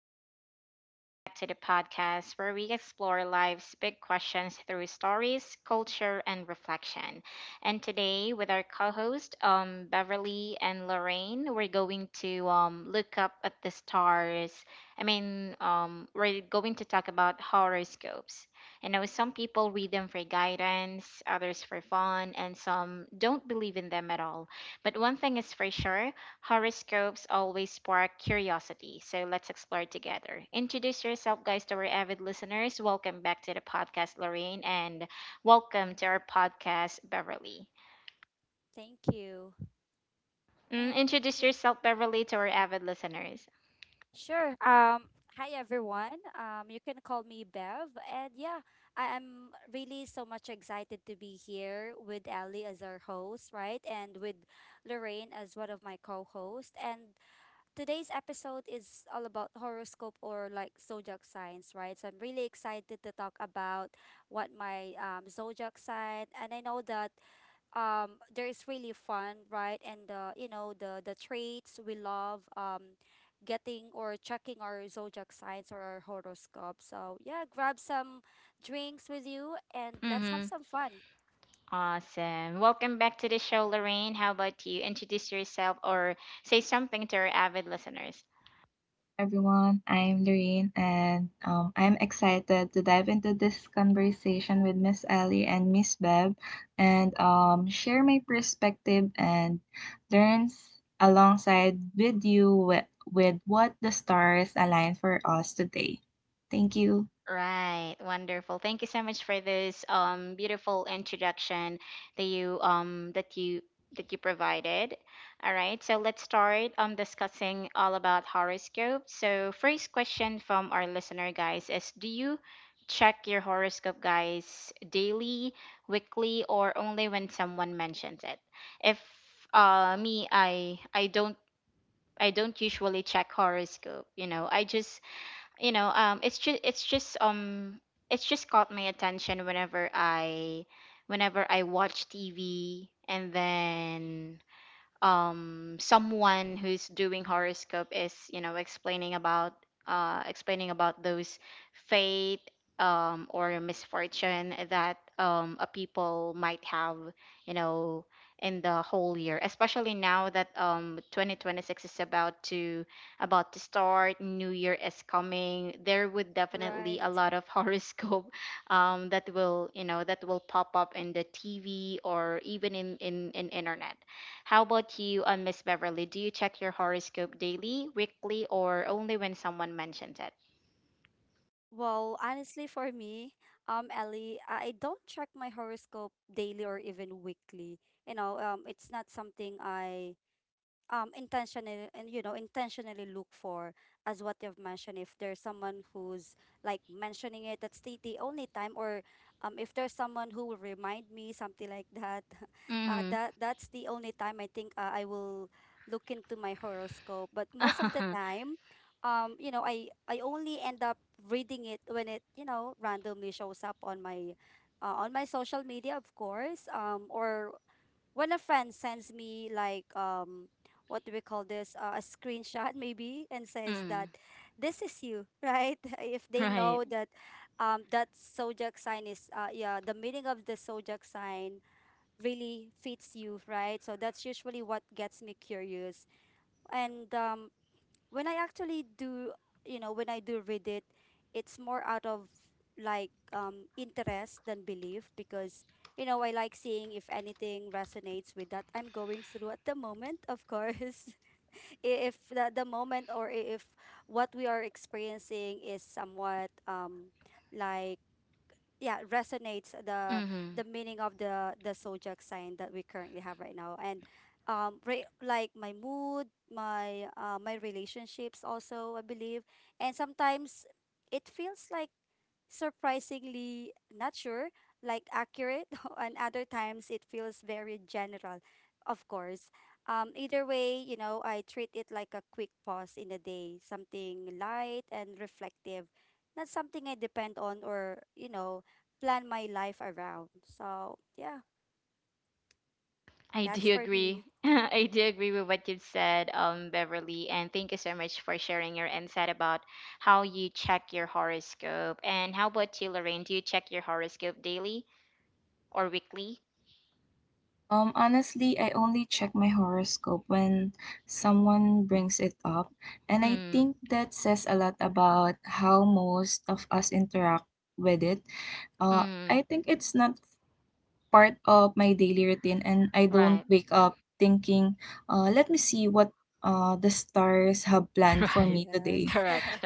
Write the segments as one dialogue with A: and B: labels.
A: everyone, and welcome back to the podcast where we explore life's big questions through stories, culture, and reflection. And today, with our co host, Beverly and Lorraine, we're going to look up at the stars. We're going to talk about horoscopes. You know, some people read them for guidance, others for fun, and some don't believe in them at all. But one thing is for sure: horoscopes always spark curiosity, so let's explore together. Introduce yourself, guys, to our avid listeners. Welcome back to the podcast, Lorraine, and welcome to our podcast, Beverly.
B: Thank you. And
A: Introduce
B: yeah,
A: yourself, Beverly, to our avid listeners.
B: sure. Hi everyone. You can call me Bev. And yeah, I am really so much excited to be here with Ali as our host, right? And with Lorraine as one of my co-hosts. And today's episode is all about horoscope or like zodiac signs, right? So I'm really excited to talk about what my zodiac sign. And I know that there is really fun, right? And the, you know, the traits we love, getting or checking our zodiac signs or our horoscope. So yeah, grab some drinks with you and let's have
A: Mm-hmm.
B: some fun.
A: Awesome. Welcome back to the show, Lorraine. How about you? Introduce yourself or say something to our avid listeners.
C: Everyone. I'm Doreen, and I'm excited to dive into this conversation with Miss Ellie and Miss Bev and share my perspective and learns alongside with you with what the stars align for us today. Thank you.
A: Right, wonderful. Thank you so much for this beautiful introduction that you um that you that you provided. All right, so let's start discussing all about horoscope. So first question from our listener guys is, do you check your horoscope, guys, daily, weekly, or only when someone mentions it? If me I don't, I don't usually check horoscope, you know. I just you know it's just it's just it's just caught my attention whenever I watch TV, and then someone who's doing horoscope is, you know, explaining about those fate or misfortune that a people might have, you know, in the whole year, especially now that 2026 is about to start. New year is coming. There would definitely a
B: Right.
A: lot of horoscope that will, you know, that will pop up in the TV or even in internet. How about you, Miss Beverly? Do you check your horoscope daily, weekly, or only when someone mentions it?
B: Well, honestly, for me, Ellie, I don't check my horoscope daily or even weekly, you know. It's not something I intentionally, and you know, intentionally look for. As what you've mentioned, if there's someone who's like mentioning it, that's the only time. Or if there's someone who will remind me something like that,
A: Mm.
B: that's the only time, I think, I will look into my horoscope. But most of the time, you know, I only end up reading it when it, you know, randomly shows up on my social media, of course. Or when a friend sends me, like, what do we call this, a screenshot, maybe, and says that
A: Mm.
B: this is you, right? If they
A: Right.
B: know that, that zodiac sign is, yeah, the meaning of the zodiac sign really fits you, right? So that's usually what gets me curious. And when I actually do, you know, when I do read it, it's more out of like interest than belief, because you know, I like seeing if anything resonates with that I'm going through at the moment, of course. If the moment, or if what we are experiencing is somewhat like, yeah, resonates the
A: Mm.
B: meaning of the zodiac sign that we currently have right now. And like my mood, my my relationships also, I believe. And sometimes it feels like, surprisingly, not sure, like accurate, and other times it feels very general, of course. Either way, you know, I treat it like a quick pause in the day, something light and reflective, not something I depend on or, you know, plan my life around. So yeah,
A: I
B: that's
A: do
B: for
A: agree.
B: me.
A: I do agree with what you've said, Beverly, and thank you so much for sharing your insight about how you check your horoscope. And how about you, Lorraine? Do you check your horoscope daily or weekly?
C: Honestly, I only check my horoscope when someone brings it up, and I
A: Mm.
C: think that says a lot about how most of us interact with it.
A: Mm.
C: I think it's not part of my daily routine, and I don't
A: Right.
C: wake up thinking, let me see what the stars have planned for
A: Right.
C: me
B: Yes.
C: today.
A: Correct.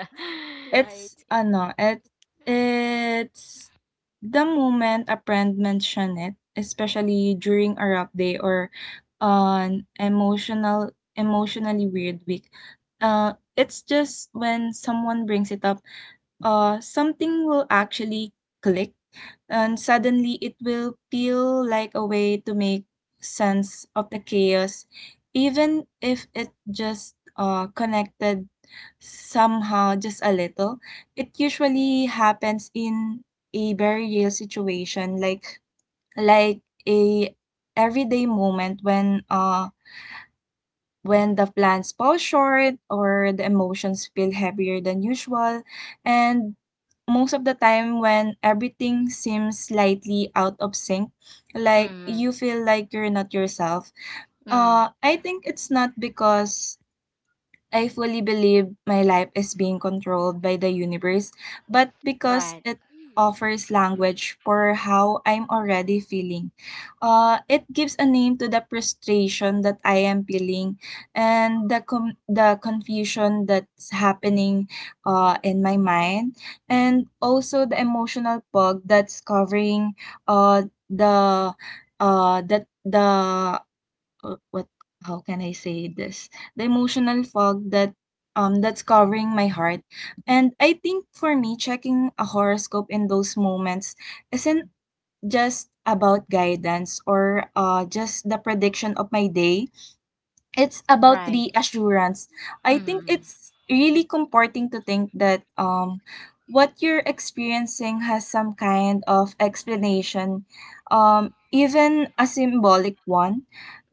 B: Right.
C: It's ano, it it's the moment a friend mention it, especially during a rough day or an emotionally weird week. It's just when someone brings it up something will actually click and suddenly it will feel like a way to make sense of the chaos, even if it just connected somehow just a little. It usually
B: Yes.
C: happens in a very real situation, like a everyday moment when when the plans fall short or the emotions feel heavier than usual, and most of the time when everything seems slightly out of sync, like
A: Mm.
C: you feel like you're not yourself.
A: Mm.
C: I think it's not because I fully believe my life is being controlled by the universe, but because
A: Right.
C: it
B: Mm.
C: offers language for how I'm already feeling. It gives a name to the frustration that I am feeling and the confusion that's happening in my mind and also the emotional fog that's covering uh, the that the what how can I say this? The emotional fog that that's covering my heart. And I think for me checking a horoscope in those moments isn't just about guidance or just the prediction of my day, it's about
A: Right.
C: reassurance. I think
A: Mm-hmm.
C: it's really comforting to think that what you're experiencing has some kind of explanation, even a symbolic one.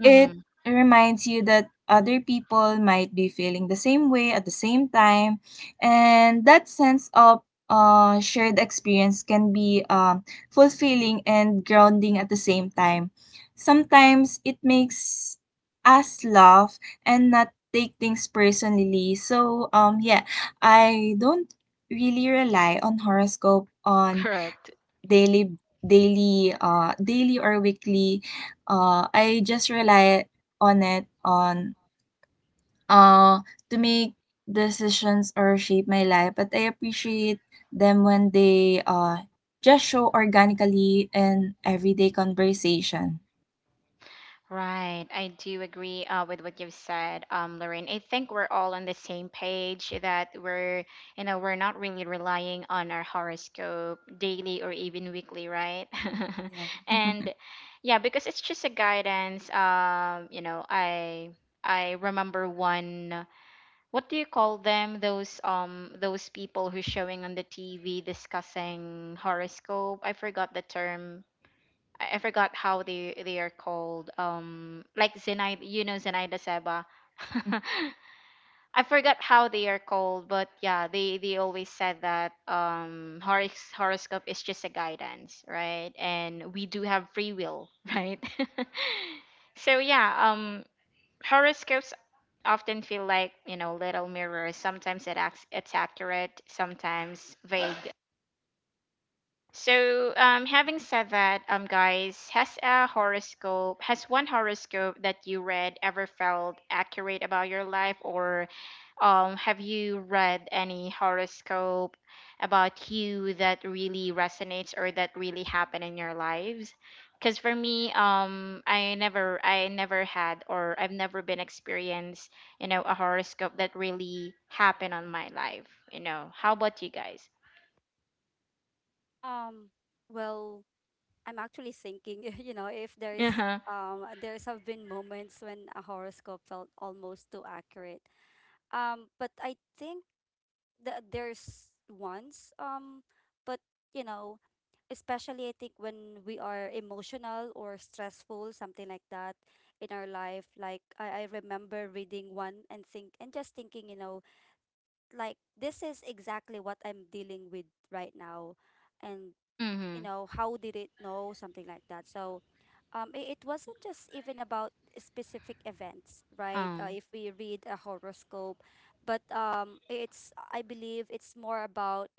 C: It
A: Mm-hmm.
C: reminds you that other people might be feeling the same way at the same time, and that sense of shared experience can be fulfilling and grounding at the same time. Sometimes it makes us love and not take things personally. So yeah, I don't really rely on horoscope on
A: Correct.
C: daily daily or weekly. I just rely on it on uh, to make decisions or shape my life, but I appreciate them when they just show organically in everyday conversation.
A: Right. I do agree with what you've said, Lorraine. I think we're all on the same page that we're not really relying on our horoscope daily or even weekly, right?
C: Yeah.
A: And yeah, because it's just a guidance. You know, I remember one. What do you call them? Those people who's showing on the TV discussing horoscope. I forgot the term. I forgot how they are called. Like Zenaida, you know, Zenaida Seba. I forgot how they are called, but yeah, they always said that horoscope is just a guidance, right? And we do have free will, right? So yeah, horoscopes often feel like, you know, little mirrors. Sometimes it's accurate, sometimes vague. So, having said that, guys, has one horoscope that you read ever felt accurate about your life, or have you read any horoscope about you that really resonates or that really happened in your lives? Because for me, I never had, or I've never been experienced, you know, a horoscope that really happened on my life. You know, how about you guys?
B: Um, well, I'm actually thinking, you know, if there
A: Uh
B: is,
A: huh.
B: there's have been moments when a horoscope felt almost too accurate. But I think there's once, but you know, especially I think when we are emotional or stressful, something like that, in our life. Like I remember reading one and think and just thinking, you know, like, this is exactly what I'm dealing with right now. And you
A: Mm-hmm.
B: know, how did it know, something like that? So it wasn't just even about specific events, right?
A: Um.
B: If we read a horoscope, but it's, I believe, it's more about,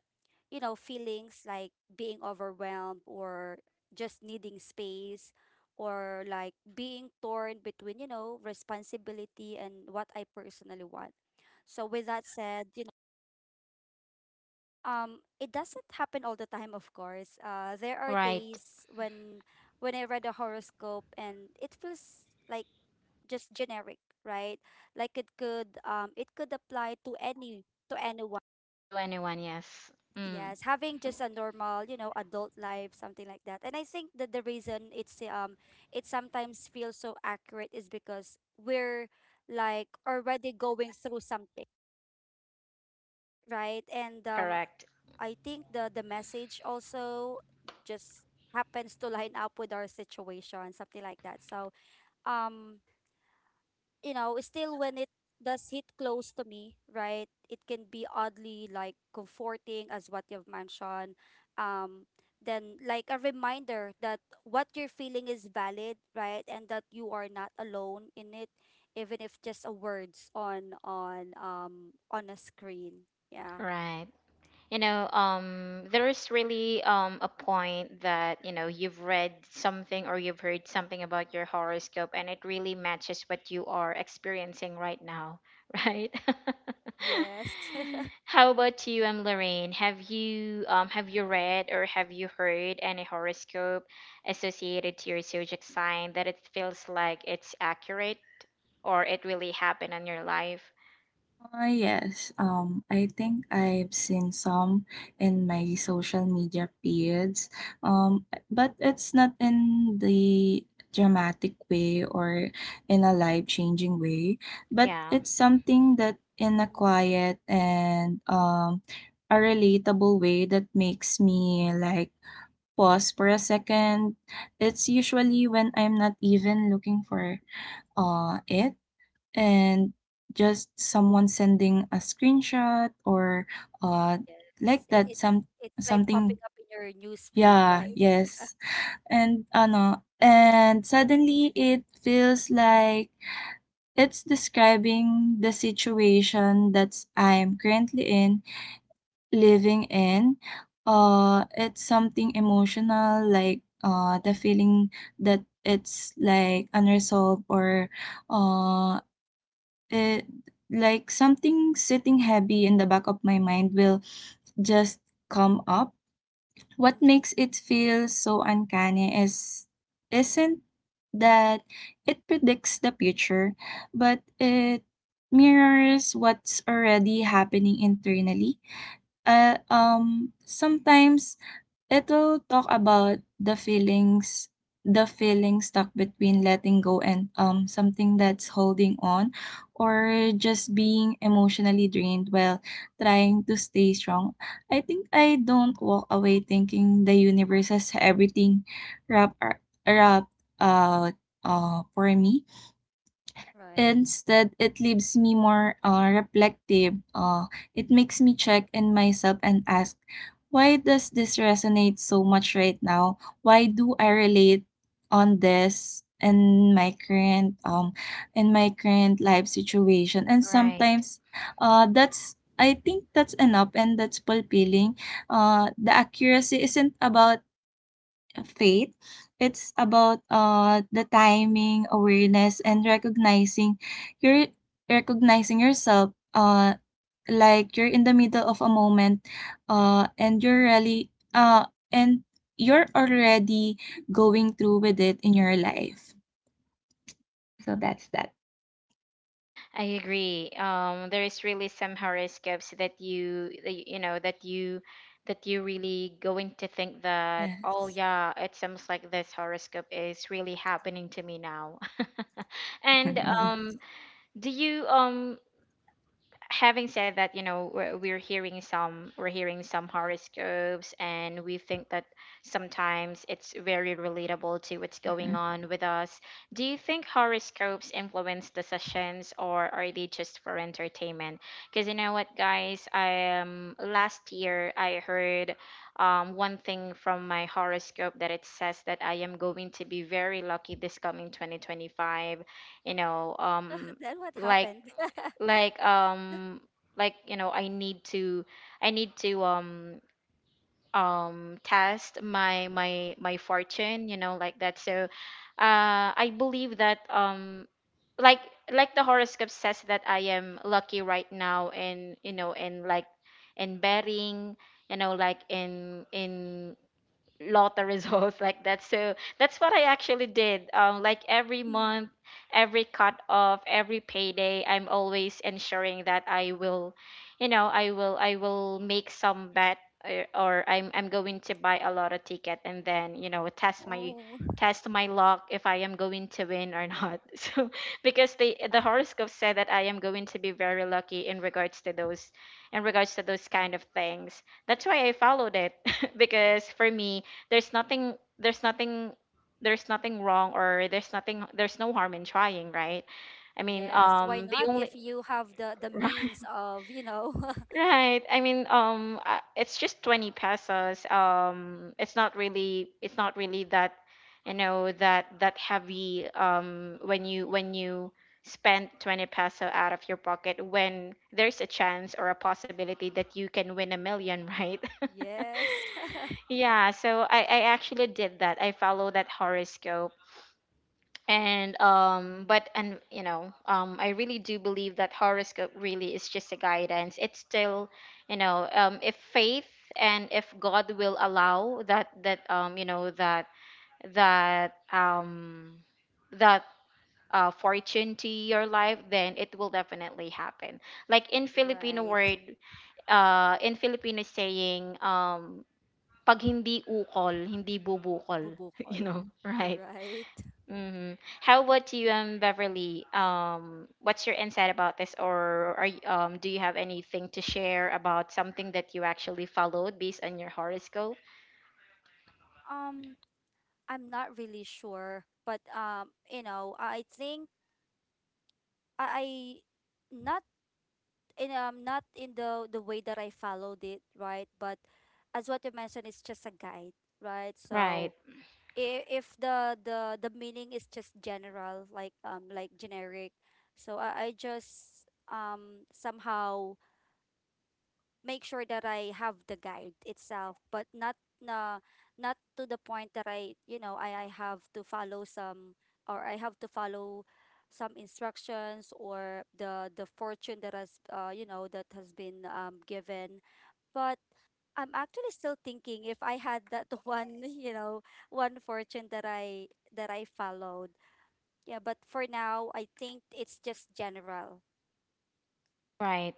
B: you know, feelings like being overwhelmed or just needing space, or like being torn between, you know, responsibility and what I personally want. So with that said, you it doesn't happen all the time, of course. There are
A: Right.
B: days when I read a horoscope and it feels like just generic, right? Like it could, it could apply to any to anyone.
A: To anyone, yes. Mm,
B: Yes, having just a normal, you know, adult life, something like that. And I think that the reason it's it sometimes feels so accurate is because we're like already going through something, right? And
A: correct.
B: I think the message also just happens to line up with our situation, something like that. So, um, you know, still when it does hit close to me, right? It can be oddly like comforting, as what you've mentioned. Um, then like a reminder that what you're feeling is valid, right? And that you are not alone in it, even if just a words on on a screen. Yeah.
A: Right. You know, there is really a point that, you know, you've read something or you've heard something about your horoscope and it really matches what you are experiencing right now, right?
B: Yes.
A: How about you, Lorraine? Have you read or have you heard any horoscope associated to your zodiac sign that it feels like it's accurate? Or it really happened in your life.
C: Yes, I think I've seen some in my social media feeds, um, but it's not in the dramatic way or in a life-changing way, but
A: Yeah,
C: it's something that in a
B: Mhm.
C: quiet and a relatable way that makes me like pause for a second. It's usually when I'm not even looking for it and just someone sending a screenshot or uh
B: Yes,
C: like that
B: it's
C: some
B: it's like popping
C: something
B: up in your news feed,
C: yeah
B: right?
C: yes and ano and suddenly it feels like it's describing the situation that's I'm currently in living in. It's something emotional like the feeling that it's like unresolved or uh It like something sitting heavy in the back of my mind will just come up. What
B: Mm-hmm.
C: makes it feel so uncanny is isn't that it predicts the future, but it mirrors what's already happening internally. Sometimes it will talk about the feeling stuck between letting go and something that's holding on or just being emotionally drained while trying to stay strong. I think I don't walk away thinking the universe has everything wrapped out for me.
B: Right.
C: Instead, it leaves me more reflective. It makes me check in myself and ask, why does this resonate so much right now? Why do I relate on this in my current life situation? And
A: right.
C: sometimes, that's I think that's enough and that's fulfilling. The accuracy isn't about faith. It's about the timing, awareness, and recognizing your recognizing yourself. Like you're in the middle of a moment. Uh, and you're really uh and you're already going through with it in your life. So that's that.
A: I agree. There is really some horoscopes that that you really going to think that, oh
C: Yes.
A: yeah, it seems like this horoscope is really happening to me now. And do you having said that, you know, we're hearing some horoscopes, and we think that sometimes it's very relatable to what's going
C: Yes.
A: on with us. Do you think horoscopes influence decisions, or are they just for entertainment? Because you know what, guys, I last year I heard one thing from my horoscope that it says that I am going to be very lucky this coming 2025. You know, um,
B: Then what
A: like
B: happened?
A: like um you know, I need to test my fortune, you know, like that. So I believe that like the horoscope says that I am lucky right now, and you know, and like in betting, you know, like in lot of results like that. So that's what I actually did. Like every
B: Mm.
A: month, every cut off, every payday, I'm always ensuring that I will make some bet, or, I'm going to buy a lot of ticket, and then, you know,
B: Oh,
A: test my luck if I am going to win or not. So because the horoscope said that I am going to be very lucky in regards to those, kind of things. That's why I followed it because for me there's nothing there's nothing there's nothing wrong, or there's no harm in trying, right? I mean,
B: yes. Why
A: um, the
B: not,
A: only
B: if you have the means of, you know?
A: right, I mean, um, it's just 20 pesos. Um, it's not really, that, you know, that that heavy when you spend 20 peso out of your pocket when there's a chance or a possibility that you can win a million, right?
B: Yes.
A: Yeah, so I actually did that. I follow that horoscope, and um, but and you know, um, I really do believe that horoscope really is just a guidance. It's still, you know, um, if faith and if god will allow that that um that fortune to your life, then it will definitely happen. Like in filipino
B: Right.
A: word, in Filipino saying, pag hindi ukol, hindi bubukol. You
B: Bubukol.
A: know, right?
B: Right.
A: Mm-hmm. How about you, Beverly? What's your insight about this, or are you, do you have anything to share about something that you actually followed based on your horoscope?
B: Um, I'm not really sure, but you know, I think I I- not in, not in the way that I followed it, right? But as what you mentioned, it's just a guide, right? So
A: Right,
B: if the the meaning is just general, like generic, so I just somehow make sure that I have the guide itself, but not na, not to the point that I, you know, I have to follow some, or I have to follow some instructions, or the fortune that has, you know, that has been, given. But I'm actually still thinking if I had that one, you know, one fortune that I followed. Yeah, but for now I think it's just general.
A: right.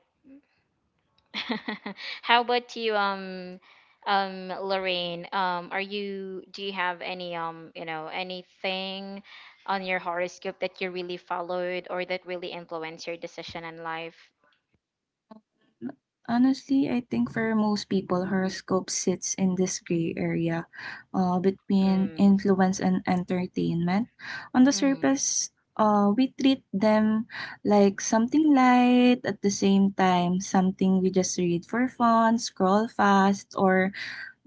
A: How about you, Lorraine? Are you? Do you have any, you know, anything on your horoscope that you really followed or that really influenced your decision in life?
C: N- Honestly, I think for most people, horoscope sits in this gray area between
A: Mm,
C: influence and entertainment. On the
A: mm-hmm,
C: surface, we treat them like something light, at the same time, something we just read for fun, scroll fast, or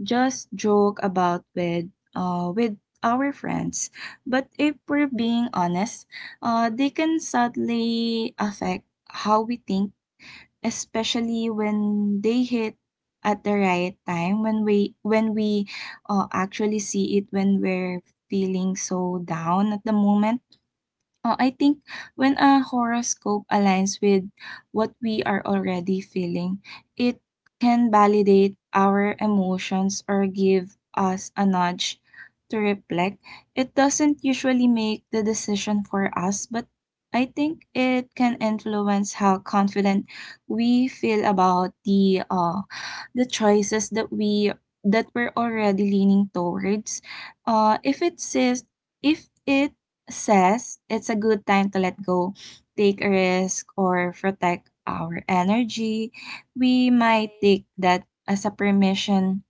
C: just joke about with our friends. But if we're being honest, they can subtly affect how we think, especially when they hit at the right time when we actually see it when we're feeling so down at the moment. I think when a horoscope aligns with what we are already feeling, it can validate our emotions or give us a nudge to reflect. It doesn't usually make the decision for us, but I think it can influence how confident we feel about the choices that we're already leaning towards. Uh, if it says if it says it's a good time to let go, take a risk, or protect our energy, we might
B: Right.
C: take that as a permission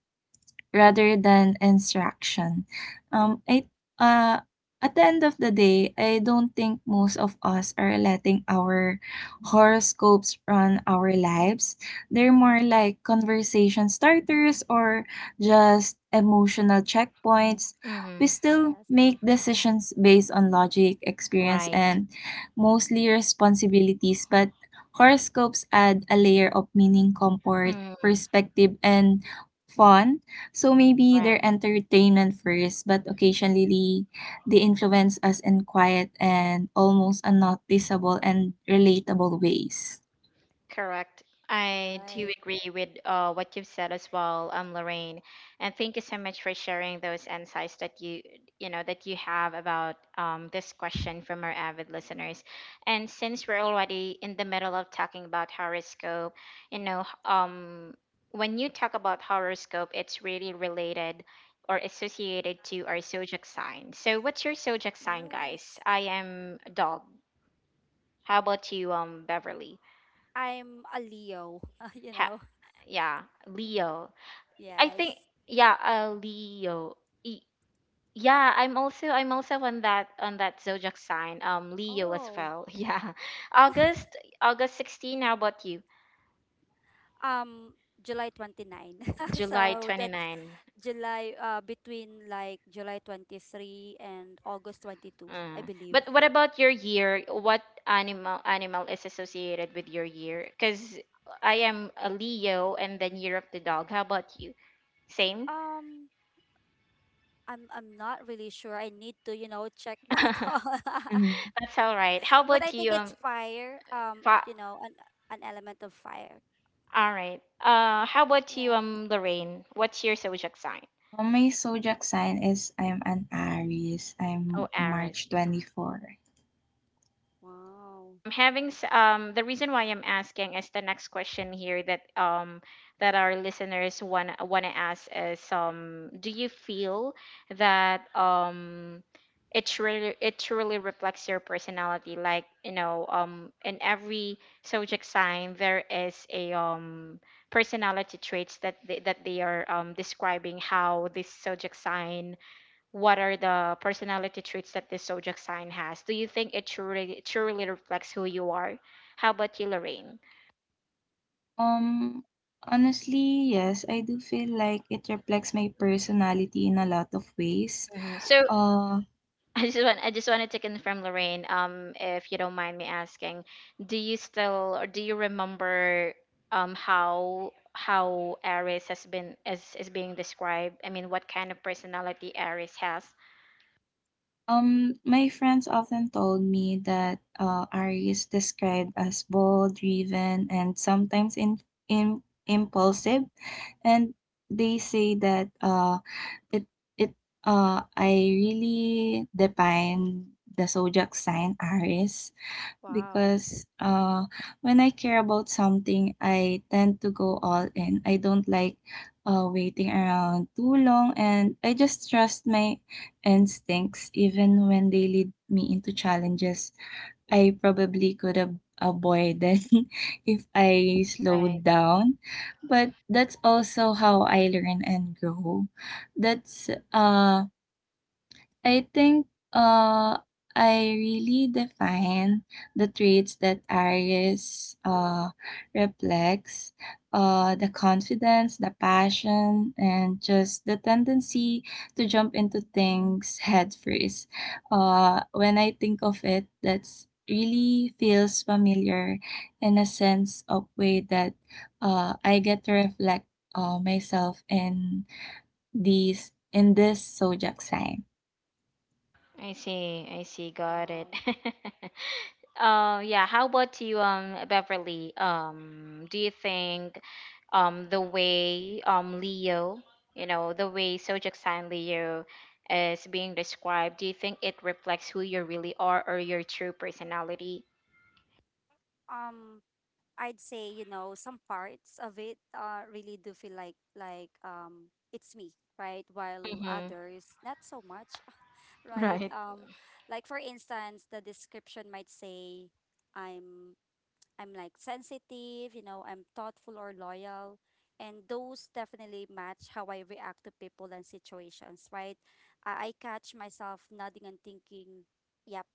C: rather than instruction. Um, I, uh, at the end of the day, I don't think most of us are letting our horoscopes run our lives. They're more like conversation starters or just emotional checkpoints. We
A: mm-hmm.
C: still
B: Yes.
C: make decisions based on logic, experience,
A: Right.
C: and mostly responsibilities, but horoscopes add a layer of meaning, comfort,
A: Mm,
C: perspective, and fun. So maybe
A: right.
C: they're entertainment first, but occasionally they influence us in quiet and almost unnoticeable and relatable ways.
A: Correct. I do
B: Right.
A: agree with what you've said as well, Lorraine. And thank you so much for sharing those insights that you know, that you have about this question from our avid listeners. And since we're already in the middle of talking about horoscope, you know, when you talk about horoscope, it's really related or associated to our zodiac sign. So, what's your zodiac sign, guys?
B: Yes.
A: I am dog. How about you, Beverly?
B: I'm a Leo, you
A: Ha-
B: know.
A: yeah, Leo. I think
B: Yes.
A: yeah, Leo. E- yeah, I'm also on that zodiac sign. Leo as
B: Oh.
A: well. Yeah, August August 16. How about you?
B: Um July 29.
A: July
B: So that's
A: 29.
B: July between like July 23 and August 22, I believe.
A: But what about your year? What animal is associated with your year? Because I am a Leo and then year of the dog. How about you? Same.
B: Um I'm not really sure. I need to, you know, check that.
A: That's
B: on.
C: Mhm.
A: all right. How
B: But I
A: about
B: think
A: you,
B: it's fire.
A: Fa-
B: You know, an element of fire.
A: All right. How about you,
B: Yeah.
A: Lorraine? What's your zodiac sign?
C: My zodiac sign is I'm an Aries. I'm
A: Oh,
C: a
A: Aries.
C: March
A: Mm.
C: 24.
B: Wow.
A: The reason why I'm asking is the next question here that our listeners want to ask is, um, do you feel that it truly reflects your personality? Like, you know, um, in every zodiac sign there is a, um, personality traits that they are, um, describing how this zodiac sign— what are the personality traits that this zodiac sign has? Do you think it truly reflects who you are? How about you, Lorraine?
C: Um, Honestly, yes, I do feel like it reflects my personality in a lot of ways.
A: Hmm. So
C: Uh.
A: I just wanted to confirm, Lorraine, if you don't mind me asking, do you still or do you remember um, how Aries has been, is being described? I mean, what kind of personality Aries has?
C: My friends often told me that Ari is described as bold, driven, and sometimes in impulsive, and they say that it it I really define the zodiac sign Aries
B: Wow.
C: because, when I care about something, I tend to go all in. I don't like, waiting around too long, and I just trust my instincts even when they lead me into challenges I probably could have avoided if I
B: Mhm.
C: slowed
A: Right.
C: down. But that's also how I learn and grow. That's I think uh I really define the traits that Aries reflects, the confidence, the passion and just the tendency to jump into things head first. When I think of it, that's really feels familiar in a sense of way that I get to reflect myself in these in this zodiac sign.
A: I see. I see. Got it.
B: Wow.
A: Yeah. How about you, Beverly? Do you think, the way, Leo, you know, the way Sojak San Leo is being described, do you think it reflects who you really are or your true personality?
B: Um I'd say, you know, some parts of it, really do feel like, it's me, right? While
A: Mm-hmm.
B: others not so much, right?
A: Right.
B: Like for instance, the description might say I'm I'm like sensitive, you know, I'm thoughtful or loyal. And those definitely match how I react to people and situations, right? I catch myself nodding and thinking, yep,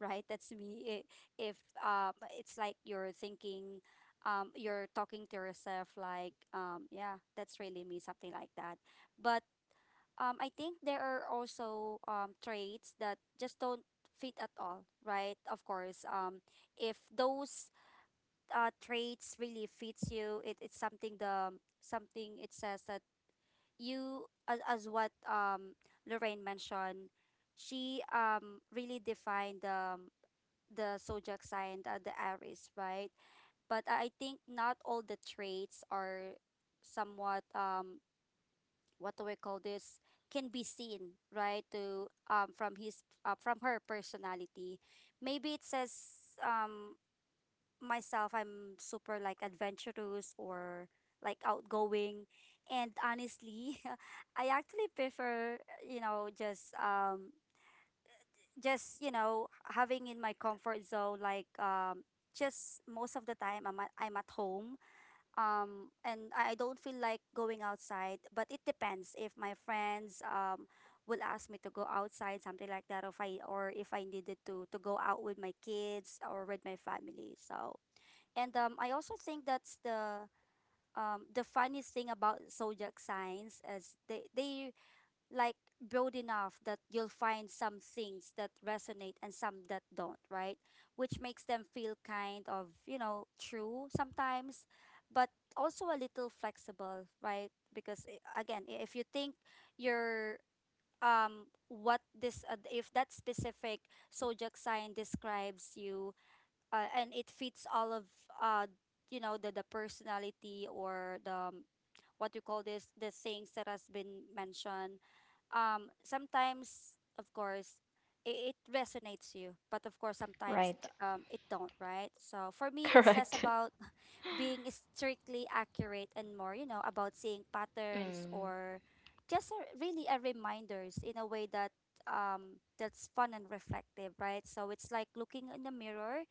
B: right, that's me. If, it's like you're thinking, you're talking to yourself, like, yeah, that's really me, something like that. But I think there are also, traits that just don't fit at all, right? Of course, if those, traits really fits you. It's something the, something it says that you, as what Lorraine mentioned, she really defined the zodiac sign, the Aries, right? But I think not all the traits are somewhat what do we call this, can be seen, right, to, from his, from her personality. Maybe it says, myself, I'm super like adventurous or like outgoing. And honestly, I actually prefer, you know, just, you know, having in my comfort zone, like just most of the time I'm at home. And I don't feel like going outside, but it depends if my friends, will ask me to go outside, something like that, or if I, or if I needed to go out with my kids or with my family. So and I also think that's the, the funniest thing about zodiac signs is they like broad enough that you'll find some things that resonate and some that don't, right? Which makes them feel kind of, you know, true sometimes, but also a little flexible, right? Because, again, if you think you're, what this, if that specific zodiac sign describes you, and it fits all of, uh you know, the personality or the, what you call this, the things that has been mentioned, sometimes, of course, it resonates you, but of course sometimes
A: Right.
B: it don't, right? So for me, it's less
A: Correct.
B: about being strictly accurate and more, you know, about seeing patterns
A: Mm,
B: or just a, really a reminders in a way that that's fun and reflective, right? So it's like looking in the mirror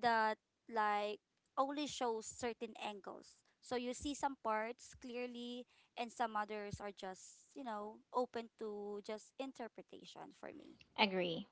B: that like only shows certain angles. So you see some parts clearly and some others are just, you know, open to just interpretation for me.
A: agree.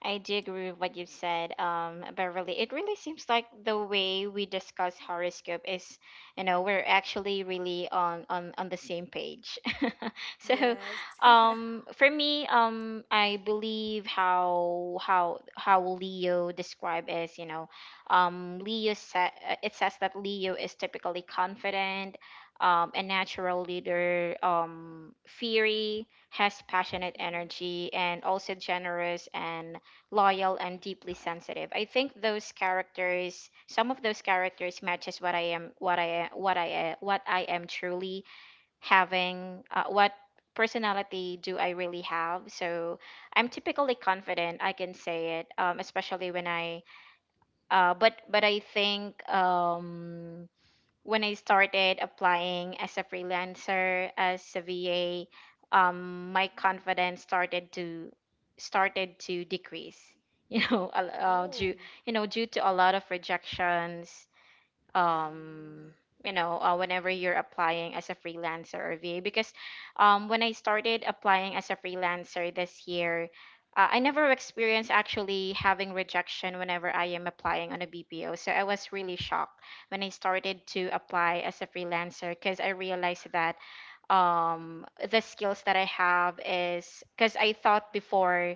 A: I do agree with what you said, Beverly. It really seems like the way we discuss horoscope is, we're actually really on the same page. so,
B: Yes.
A: for me, I believe how Leo described is, it says that Leo is typically confident. A natural leader, fiery, has passionate
B: Mm-hmm.
A: energy and also generous and loyal and deeply
B: No, yeah.
A: sensitive. I think those characters, some of those characters matches what I am what I what I what I am truly having what personality do I really have? So I'm typically confident, I can say it, especially when I but I think when I started applying as a freelancer, as a VA, my
B: Mm.
A: confidence started to decrease. Due
B: Oh.
A: due to a lot of rejections,
B: Mm.
A: um whenever you're applying as a freelancer or va, because when I started applying as a freelancer this year, I never experienced actually having rejection whenever I am applying on a bpo, so I was really shocked when I started to apply as a freelancer, because I realized that the skills that I have is, because I thought before.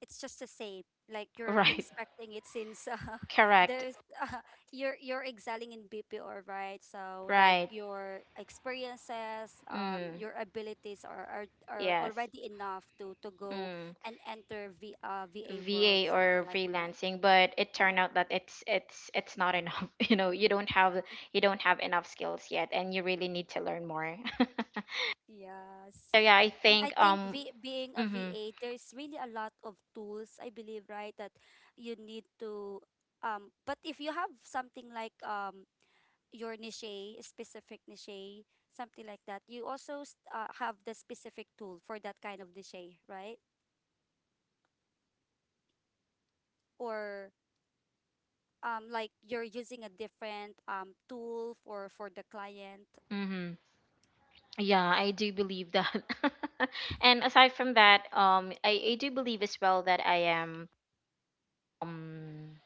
B: It's just the same. Like you're
A: Right.
B: expecting it, since,
A: Correct.
B: there's, you're excelling in BPO, right? So like
A: Right.
B: your experiences,
A: Mm,
B: your abilities are
A: yes.
B: already enough to go
A: Mm.
B: and enter VA world,
A: VA or
B: something like that.
A: freelancing, but it turned out
B: Yeah.
A: that it's not enough. You know, you don't have, you don't have enough skills yet, and you really need to learn more.
B: Yes.
A: I
B: And
A: think
B: I think, being a
A: mhm.
B: VA, there's really a lot of tools, I believe, right? That you need to, but if you have something like, your niche, specific niche, something like that. You also, have the specific tool for that kind of niche, right? Or, like you're using a different, tool for the client.
A: Mhm. Yeah, I do believe that. And aside from that, I do believe as well that I am um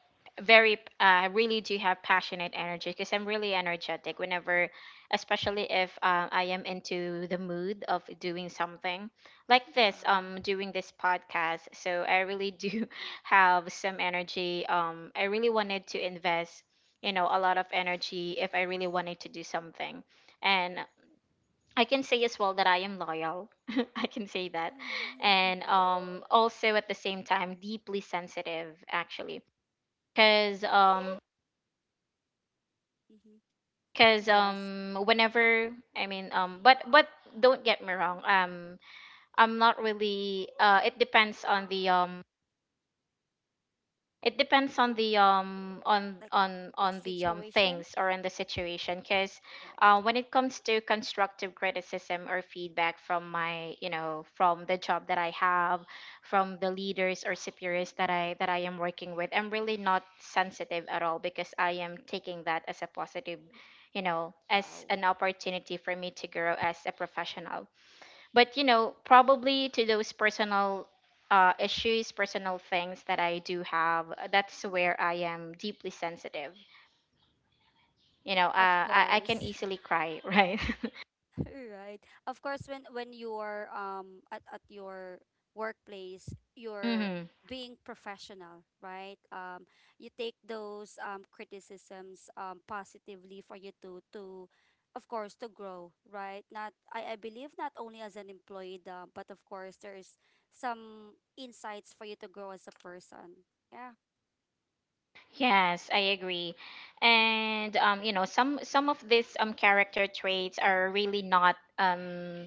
A: very really do have passionate energy, because I'm really energetic whenever, especially if I am into the mood of doing something like this,
B: Wow.
A: doing this podcast. So I really do have some energy. I really wanted to invest, a lot of energy if I really wanted to do something. And I can say as well that I am loyal. I can say that.
B: Oh.
A: And also at the same time deeply sensitive actually. Cause um
B: Mhm.
A: cause
B: Yes,
A: um whenever I mean but don't get me wrong, I'm not really it depends on the it depends on the
B: like the situation.
A: things or on the situation, because
B: Right.
A: when it comes to constructive criticism or feedback from my, from the job that I have, from the leaders or superiors that I am working with, I'm really not sensitive at all, because I am taking that as a positive, as
B: Wow.
A: an opportunity for me to grow as a professional. But you know, probably to those personal issues, personal things that I do have, that's where I am deeply sensitive. you know uh,
B: Of
A: I can
B: course.
A: easily cry. Right.
B: Right. Of course, when when you're at your workplace, you're
A: Hmm.
B: being professional, right? You take those criticisms positively for you to, of course, to grow, right? Not I I believe not only as an employee, but of course there's some insights for you to grow as a person. Yeah.
A: Yes, I agree. And you know, some of these character traits are really not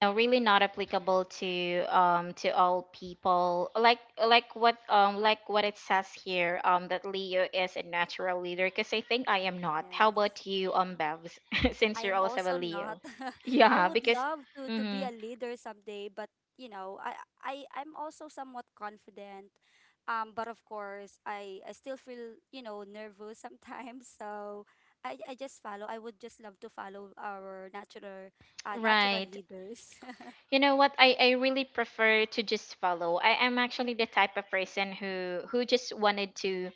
A: know really not applicable to all people, like like what it says here, that leo is a natural leader, because I think I am not. How
B: Yes.
A: about you, bevs? Since
B: I
A: you're
B: am
A: also a
B: also not.
A: leo.
B: I
A: Yeah,
B: would
A: because
B: love to be
A: mhm,
B: a leader someday, but you know, I I'm also somewhat confident. But of course, I still feel, you know, nervous sometimes. So I just follow. I would just love to follow our natural
A: right.
B: leaders.
A: You know what, I really prefer to just follow. I am actually the type of person who, who just wanted to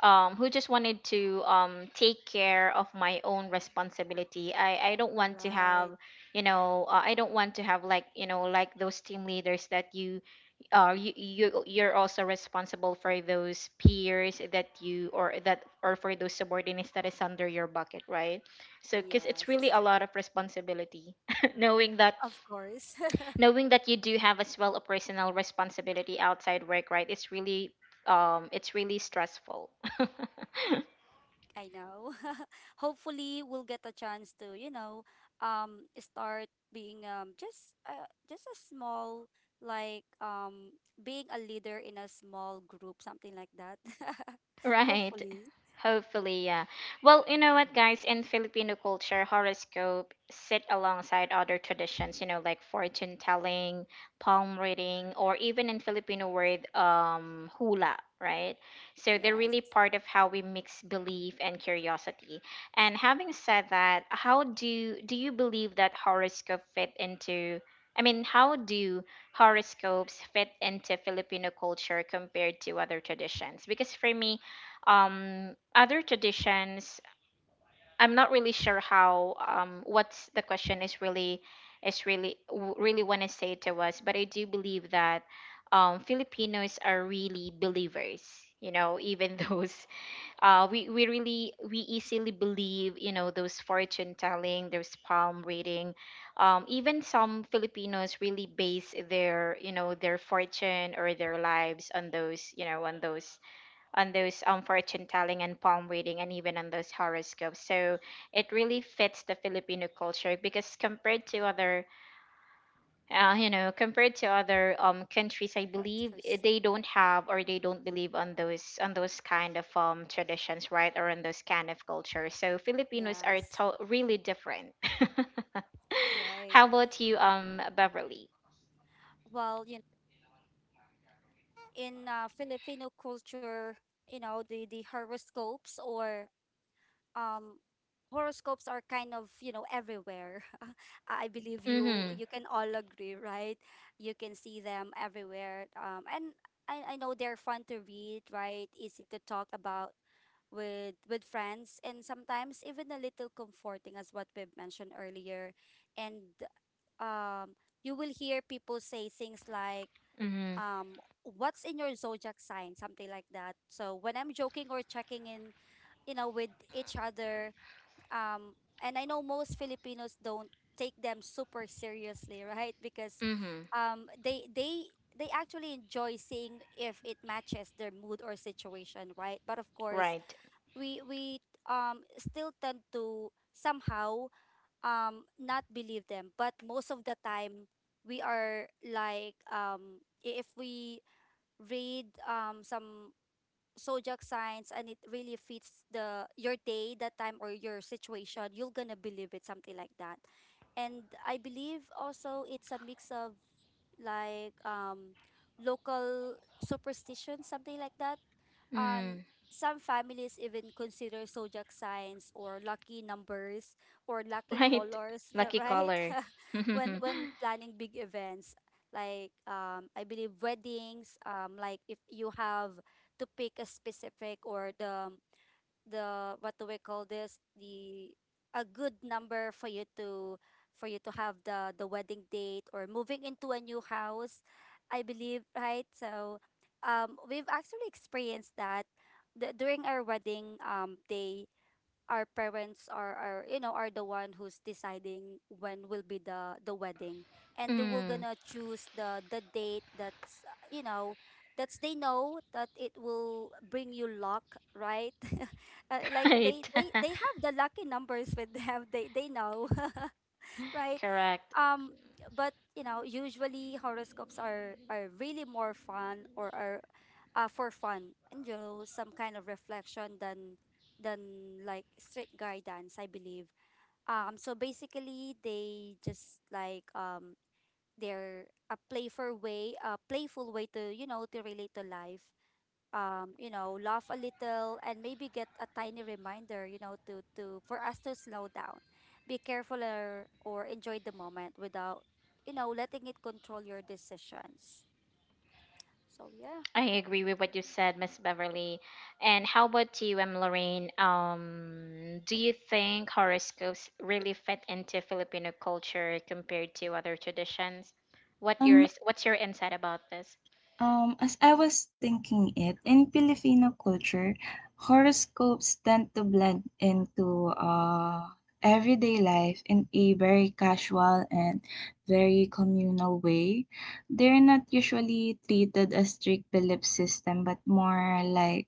A: um who just wanted to take care of my own responsibility. I don't want to have,
B: Right.
A: I don't want to have like, you know, like those team leaders that you you're also responsible for those peers that you, or that, or for those subordinates that is under your bucket, right? So because it's really
B: Yes.
A: a lot of responsibility, knowing that,
B: Of course.
A: knowing that you do have as well a personal responsibility outside work, right? It's really it's really stressful.
B: I know. Hopefully, we'll get a chance to, you know, start being just a small like being a leader in a small group, something like that.
A: Right.
B: Hopefully,
A: Hopefully, yeah. Well, you know what, guys? In Filipino culture, horoscope sit alongside other traditions, you know, like fortune telling, palm reading, or even in Filipino word, hula, right? So they're
B: yes.
A: really part of how we mix belief and curiosity. And having said that, how do you believe that horoscope fit into? I mean, how do horoscopes fit into Filipino culture compared to other traditions? Because for me, other traditions, I'm not really sure how what's the question is really, is really really want to say to us. But I do believe that filipinos are really believers, you know, even those we really we easily believe, you know, those fortune telling, those palm reading, even some filipinos really base their, you know, their fortune or their lives on those, you know, on those, on those fortune telling and palm reading and even on those horoscopes. So it really fits the Filipino culture, because compared to other, you know, compared to other countries, I
B: Of
A: believe eh,
B: course.
A: they don't have or they don't believe on those, on those kind of traditions, right, or on those kind of cultures. So Filipinos are
B: Yes,
A: to- really different.
B: right.
A: How about you, Beverly?
B: Well, you know, in Filipino culture, you know, the the um horoscopes are kind of, you know, everywhere. I believe you
A: Mm-hmm.
B: you can all agree, right? You can see them everywhere. I know they're fun to read, right? Easy to talk about with friends and sometimes even a little comforting, as what we've mentioned earlier. And um you will hear people say things like,
A: Mm-hmm.
B: what's in your zodiac sign, something like that. So when I'm joking or checking in, you know, with each other. Um and I know most Filipinos don't take them super seriously, right? Because
A: Mm-hmm.
B: they they actually enjoy seeing if it matches their mood or situation, right? But of course,
A: Right.
B: we still tend to somehow not believe them. But most of the time, we are like, if we read some zodiac signs and it really fits the your day, that time, or your situation, you're gonna believe it, something like that. And I believe also it's a mix of like local superstition, something like that. And
A: Mm.
B: some families even consider zodiac signs or lucky numbers or lucky
A: Right.
B: colors,
A: Lucky
B: right?
A: caller.
B: When
A: Mm,
B: planning big events like, I believe weddings, like if you have to pick a specific, or the what do we call this, the a good number for you to have the wedding date, or moving into a new house, I believe, right? So we've actually experienced that, during our wedding day. Our parents are you know, are the one who's deciding when will be the wedding. And they will gonna choose the date that's you know, that's they know that it will bring you luck, right? Like they
A: right.
B: they they have the lucky numbers with them. They know. Right?
A: Correct.
B: Um, but you know, usually horoscopes are really more fun, or are for fun, and you know, some kind of reflection, than like strict guidance, I believe. So basically, they just like, they're a playful way to, you know, to relate to life, you know, laugh a little, and maybe get a tiny reminder, you know, to for us to slow down, be careful, or enjoy the moment without, you know, letting it control your decisions. So yeah.
A: I agree with what you said, Miss Beverly. And how about you, M. Lorraine? Do you think horoscopes really fit into Filipino culture compared to other traditions? What
C: Um,
A: yours? What's your insight about this?
C: As I was thinking it, in Filipino culture, horoscopes tend to blend into everyday life in a very casual and very communal way. They're not usually treated as strict belief system, but more like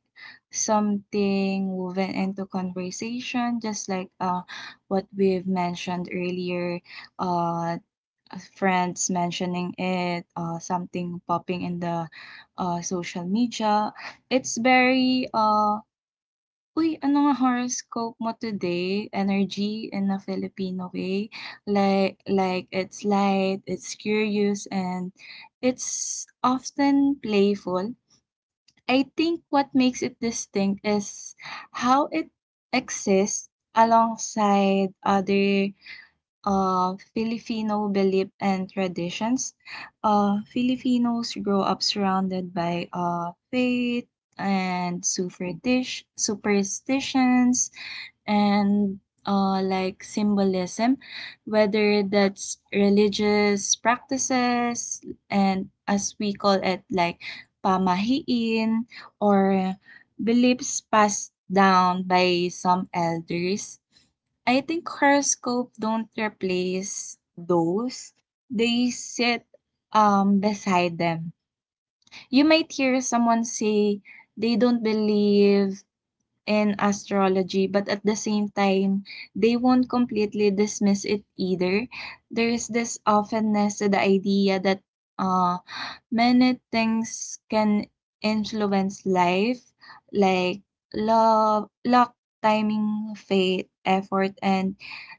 C: something woven into conversation, just like what we've mentioned earlier, uh, friends mentioning it, something popping in the social media. It's very, uy, ano nga horoscope mo today? Energy in a Filipino way. Like it's light, it's curious, and it's often playful. I think what makes it distinct is how it exists alongside other Filipino belief and traditions. Filipinos grow up surrounded by faith and superstitions and like symbolism, whether that's religious practices and as we call it like pamahiin or beliefs passed down by some elders. I think horoscope don't replace those. They sit beside them. You might hear someone say they don't believe in astrology, but at the same time, they won't completely dismiss it either. There is this offenness to the idea that uh many things can influence life, like love, luck, timing, fate, effort, and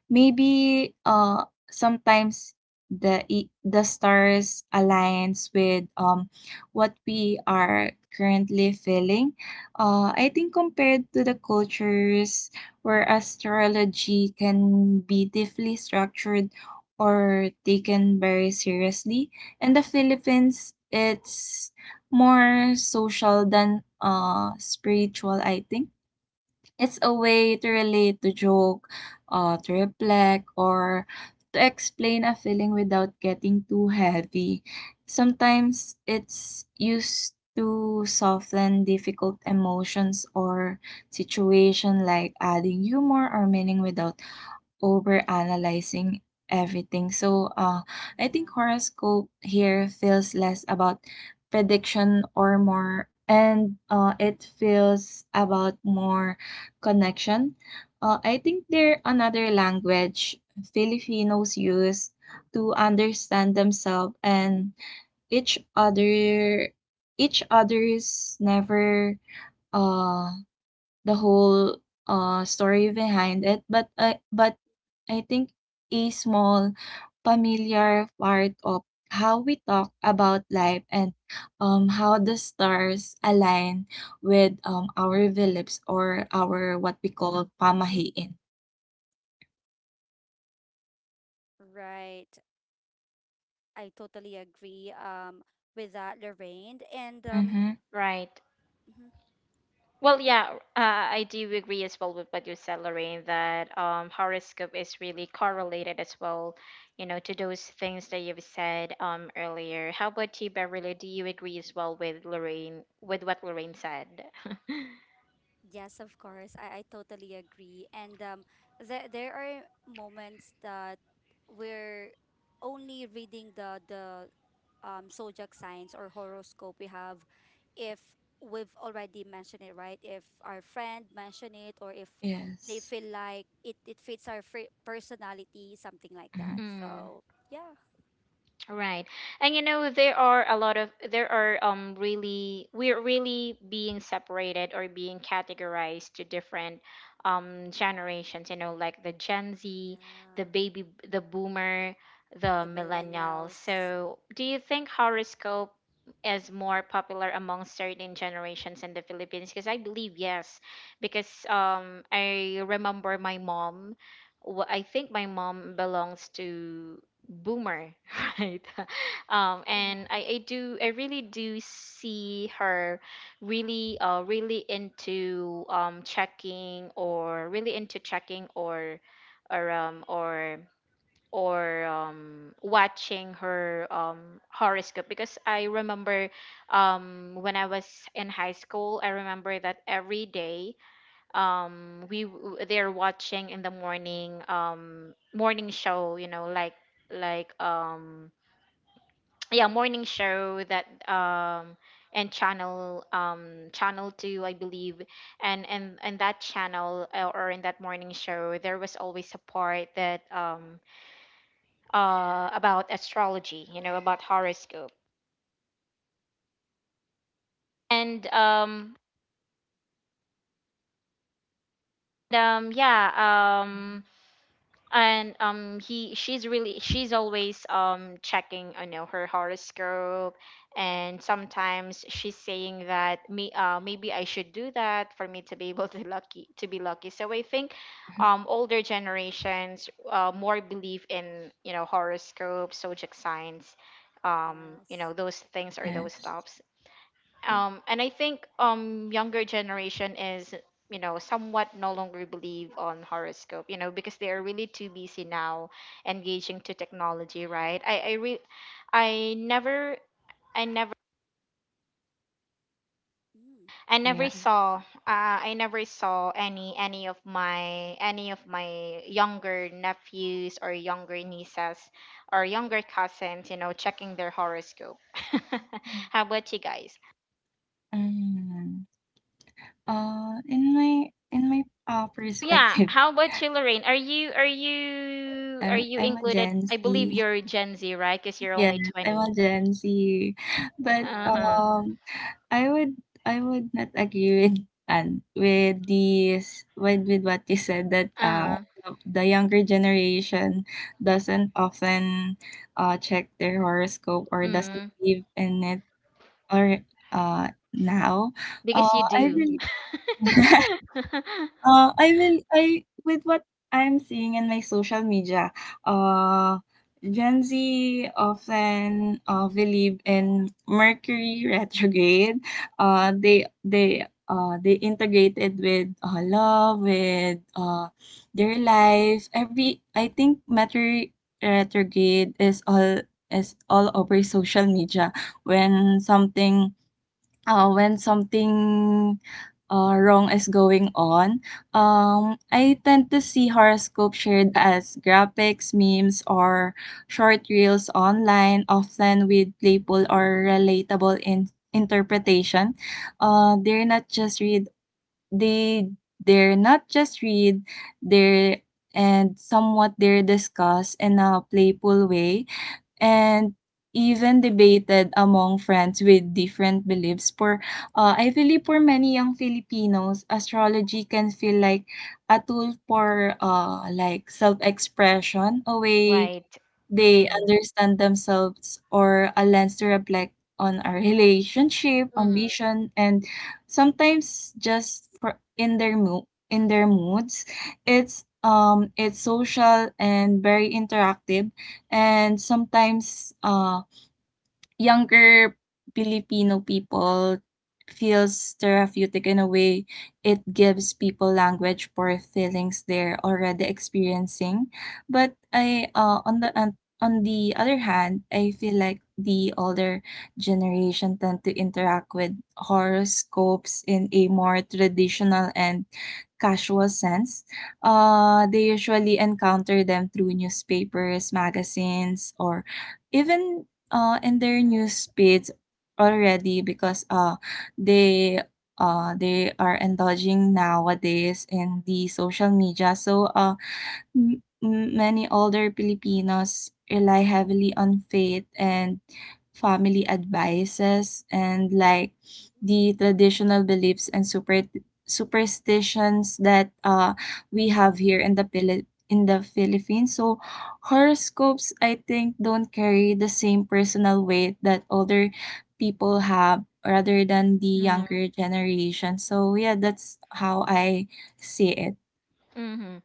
C: maybe sometimes the stars aligns with what we are currently feeling. I think compared to the cultures where astrology can be deeply structured or taken very seriously, in the Philippines, it's more social than spiritual, I think. It's a way to relate, to joke, to reflect, or to explain a feeling without getting too heavy. Sometimes it's used to soften difficult emotions or situation like adding humor or meaning without overanalyzing everything. So I think
B: Yeah.
C: horoscope here feels less about prediction or more, and it feels about more connection. I think they're another language Filipinos use to understand themselves and each other each other's never uh the whole story behind it, but I think a small familiar part of how we talk about life and how the stars align with our beliefs or our what we call pamahiin.
B: Right. I totally agree with that, Lorraine. And um,
C: Mm-hmm.
A: Right.
B: mhm.
A: Well, yeah, I do agree as well with what you said, Lorraine, that horoscope is really correlated as well, you know, to those things that you've said earlier. How about you, Beverly? Do you agree as well with Lorraine, with what Lorraine said?
B: Yes, of course. I totally agree. And there there are moments that we're only reading the the zodiac signs or horoscope we have, if we've already mentioned it, right? If our friend mentioned it, or if they
C: Yes.
B: feel like it fits our fri personality, something like
C: Mm-hmm.
B: that.
A: Mm.
B: So yeah,
A: Right. And you know, there are a lot of, there are really we're really being separated or being categorized to different generations, you know, like the Gen Z, the
B: yeah.
A: baby the boomer, the
B: The
A: millennials.
B: millennials.
A: So, do you think horoscope is more popular among certain generations in the Philippines? Because I believe yes, because I remember my mom, I think my mom belongs to boomer. Right.
B: Oh,
A: And I really do see her really really into checking, or really into checking, or or um or or watching her horoscope, because I remember when I was in high school. I remember that every day they're watching in the morning, morning show, you know, like like um yeah, morning show that and channel channel 2, I believe. And that channel, or in that morning show, there was always a part that about astrology, you know, about horoscope. And Yeah, and he she's really, she's always checking, you know, her horoscope. And sometimes she's saying that me maybe I should do that for me to be able to lucky, to be lucky. So I think older generations more believe in, you know, horoscope, zodiac signs, you
B: yes.
A: know, those things or those
C: Yes.
A: stuff. And I think younger generation is, you know, somewhat no longer believe on horoscope, you know, because they are really too busy now engaging to technology, right? I re- I never I never
B: Mm.
A: I never
C: Yeah.
A: saw I never saw any of my, any of my younger nephews or younger nieces or younger cousins, you know, checking their horoscope. How about you guys?
C: Mm-hmm. In my
A: Yeah,
C: perspective,
A: how about you, Lorraine? Are you are you are
C: I'm
A: you
C: I'm a
A: included?
C: Gen
A: I believe
C: Z.
A: you're Gen Z, right? Because you're
C: Yes,
A: only
C: I'm
A: 20.
C: a Gen Z. But
B: Wow.
A: Uh-huh.
C: um I would I would not agree with and with with what you said that
A: Uh-huh.
C: the younger generation doesn't often check their horoscope or doesn't
A: Mm.
C: believe in it or uh now. Uh
A: Because you
C: I
A: do.
C: really Uh, I will I with what I'm seeing in my social media, uh, Gen Z often, believe in Mercury retrograde. They integrate it with, love, with, their life. Every I think Mercury retrograde is all over social media when something when something wrong is going on. I tend to see horoscope shared as graphics, memes, or short reels online, often with
B: Mm.
C: playful or relatable interpretation. They're not just read they they're not just read they're and somewhat they're discussed in a playful way and even debated among friends with different beliefs. For I believe for many young Filipinos, astrology can feel like a tool for like self-expression, a way
A: Right.
C: they
A: Mm.
C: understand themselves or a lens to reflect on our relationship,
A: Mm-hmm.
C: ambition, and sometimes just for in their moods. It's it's social and very interactive, and sometimes younger Filipino people feels therapeutic in a way. It gives people language for feelings they're already experiencing. But i uh, on the other hand, I feel like the older generation tend to interact with horoscopes in a more traditional and casual sense. They usually encounter them through newspapers, magazines, or even, in their news
B: Right.
C: feeds already, because they they are indulging nowadays in the social media. So, M m many older Filipinos rely heavily on faith and family advices and like
B: Mm.
C: the traditional beliefs and superstitions that we have here in the in the Philippines. So horoscopes, I think, don't carry the same personal weight that older people have rather than the
A: Mm-hmm.
C: younger generation. So yeah, that's how I see it.
A: Mm-hmm.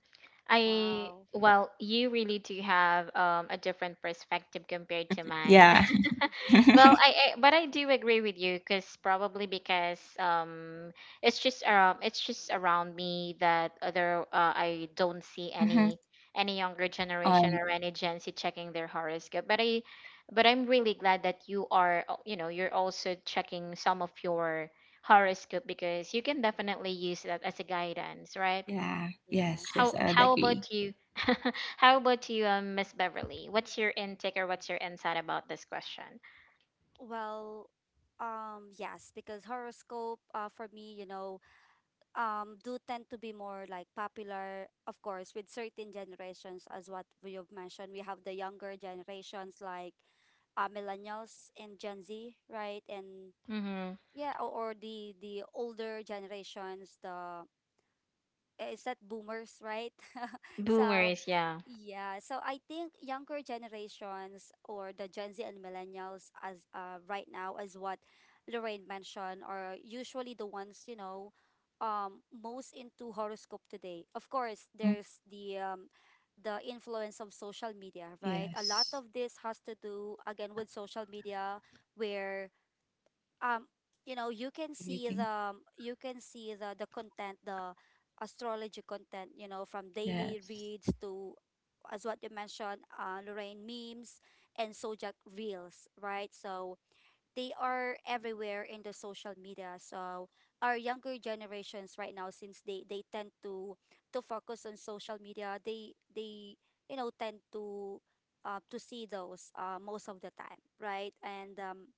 A: I,
B: Wow.
A: well, you really do have a different perspective compared to mine.
C: Yeah.
A: Well, I but I do agree with you, because probably because it's just around, it's just around me that other I don't see any any younger
C: Oh,
A: generation or any Gen Z checking their horoscope. But I, but I'm really glad that you are you know, you're also checking some of your horoscope, because you can definitely use that as a guidance, right?
C: yeah. Yes,
B: Yes.
C: yes,
A: How
C: I would
A: how
C: agree.
A: about you? How about you, Miss Beverly? What's your intake or what's your insight about this question?
B: Well, yes, because horoscope, for me, you know, do tend to be more like popular, of course, with certain generations, as what you have mentioned. We have the younger generations like millennials and Gen Z, right? And
A: Mm-hmm.
B: yeah, or the older generations, the eh, is that boomers, right? So
A: Boomers, yeah.
B: yeah, so I think younger generations or the Gen Z and millennials, as right now, as what Lorraine mentioned, are usually the ones, you know, most into horoscope today. Of course,
C: Mm,
B: there's the the influence of social media, right? A lot
C: yes.
B: of this has to do again with social media where, um you know, you can see the,
C: Everything.
B: you can see the content the astrology content, you know, from daily
C: Yes.
B: reads to, as what you mentioned, uh, Lorraine, memes and Sojak reels, right? So they are everywhere in the social media. So our younger generations right now, since they tend to focus on social media, they you know, tend to, to see those, most of the time, right? and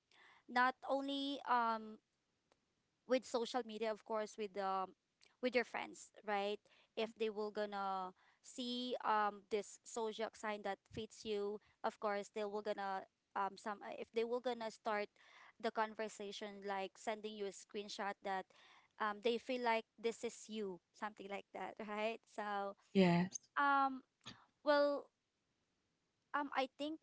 B: Not only with social media, of course, with your friends, right? If they will gonna see this zodiac sign that fits you, of course they will gonna, some if they will gonna start the conversation, like sending you a screenshot that, they feel like this is you, something like that. Right? so
C: Yes.
B: um well um i think,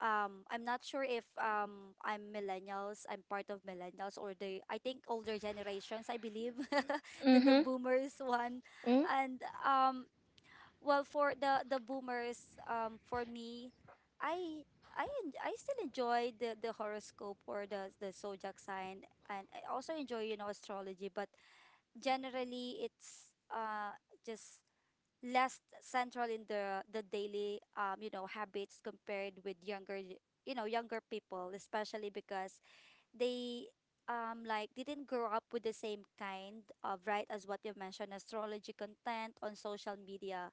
B: um, I'm not sure if, um, I'm millennials, I'm part of millennials, or the, I think older generations, I believe. The
A: Mm-hmm.
B: boomers one.
A: Mm.
B: And um, well, for the boomers, for me, I I I still enjoy the horoscope or the zodiac sign, and I also enjoy, you know, astrology, but generally it's just less central in the daily, you know, habits compared with younger you know, younger people, especially because they, like, didn't grow up with the same kind of, right, as what you mentioned, astrology content on social media.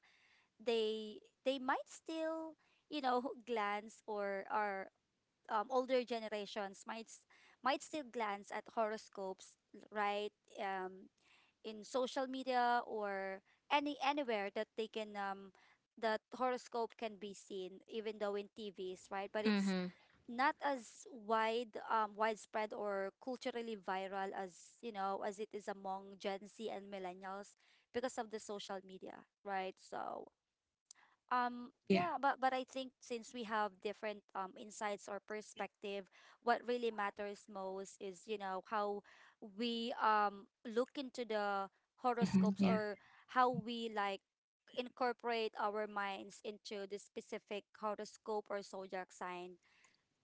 B: They they might still, you know, glance or older generations might might still glance at horoscopes, right? um in social media or any anywhere that they can, that horoscope can be seen, even though in TVs, right? But it's
A: Mm-hmm.
B: not as wide, widespread or culturally viral, as you know, as it is among Gen Z and millennials, because of the social media, right? So,
C: Yeah.
B: yeah, but I think since we have different insights or perspective, what really matters most is, you know, how we look into the
C: Hmm.
B: horoscopes,
C: Yeah.
B: or how we like incorporate our minds into the specific horoscope or zodiac sign,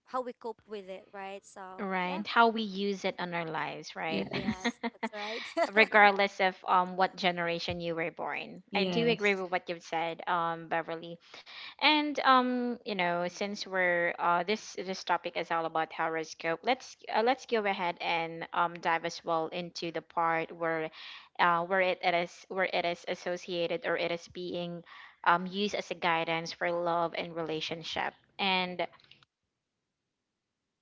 B: how we cope with it, right? So, yeah.
A: Right.
C: Mm.
A: How we use it on our lives, right?
C: Yes.
B: Yes, that's right.
A: Regardless of what generation you were born. I do agree
C: Yes.
A: with what you've said, Beverly. And you know, since we're this this topic is all about horoscope, let's go ahead and dive as well into the part where, it is where it is associated or it is being used as a guidance for love and relationship. And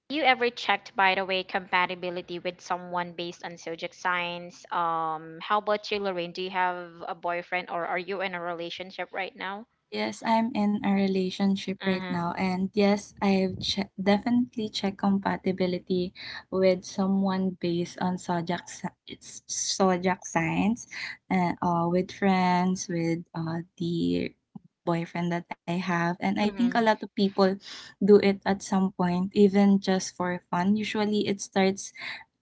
A: you ever checked, by the way, compatibility with someone based on zodiac signs? How about you, Lorraine? Do you have a boyfriend or are you in a relationship right now?
C: Yes, I'm in a relationship
A: Uh
C: right
A: huh.
C: now, and yes, I've definitely checked compatibility with someone based on zodiac si- it's zodiac signs, and with friends, with the boyfriend that I have. And I think a
A: Mm-hmm.
C: lot of people do it at some point, even just for fun. Usually, it starts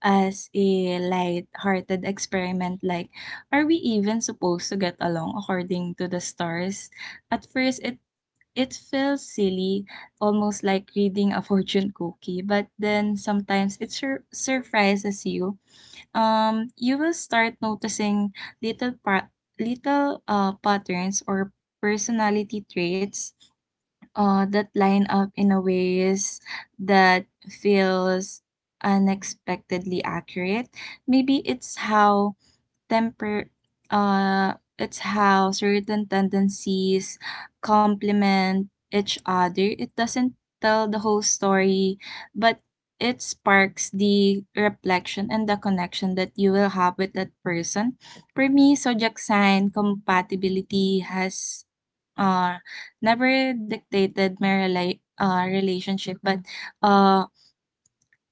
C: as a light-hearted experiment, like, are we even supposed to get along according to the stars? At first, it feels silly, almost like reading a fortune cookie, but then sometimes it surprises you. You will start noticing little pa- little patterns or personality traits that line up in a ways that feels unexpectedly accurate. Maybe it's how temper it's how certain tendencies complement each other. It doesn't tell the whole story, but it sparks the reflection and the connection that you will have with that person. For me, zodiac sign compatibility has uh never dictated my relationship, but uh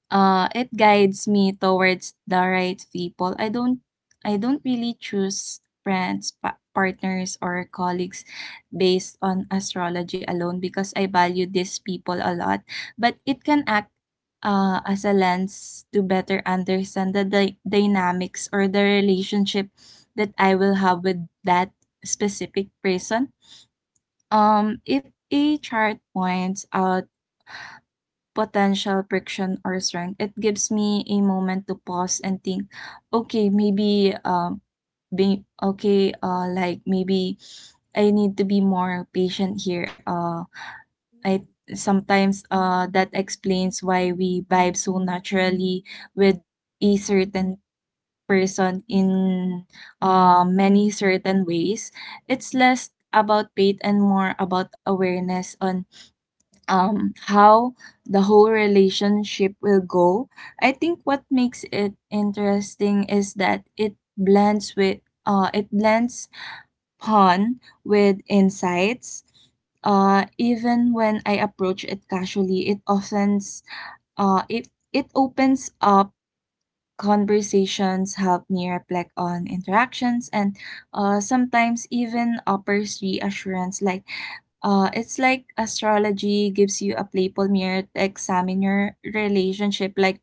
C: it guides me towards the right people. I don't really choose friends, partners, or colleagues based on astrology alone because I value these people a lot, but it can act, as a lens to better understand the dynamics or the relationship that I will have with that specific person. If a chart points out potential friction or strength, it gives me a moment to pause and think, okay, maybe be okay, like maybe I need to be more patient here. I
B: Mm.
C: sometimes that explains why we vibe so naturally with a certain person in many certain ways. It's less about faith and more about awareness on how the whole relationship will go. I think what makes it interesting is that it blends fun with insights. Even when I approach it casually, it it opens up conversations, help me reflect on interactions, and, sometimes even offers reassurance, like, it's like astrology gives you a playful mirror to examine your relationship, like,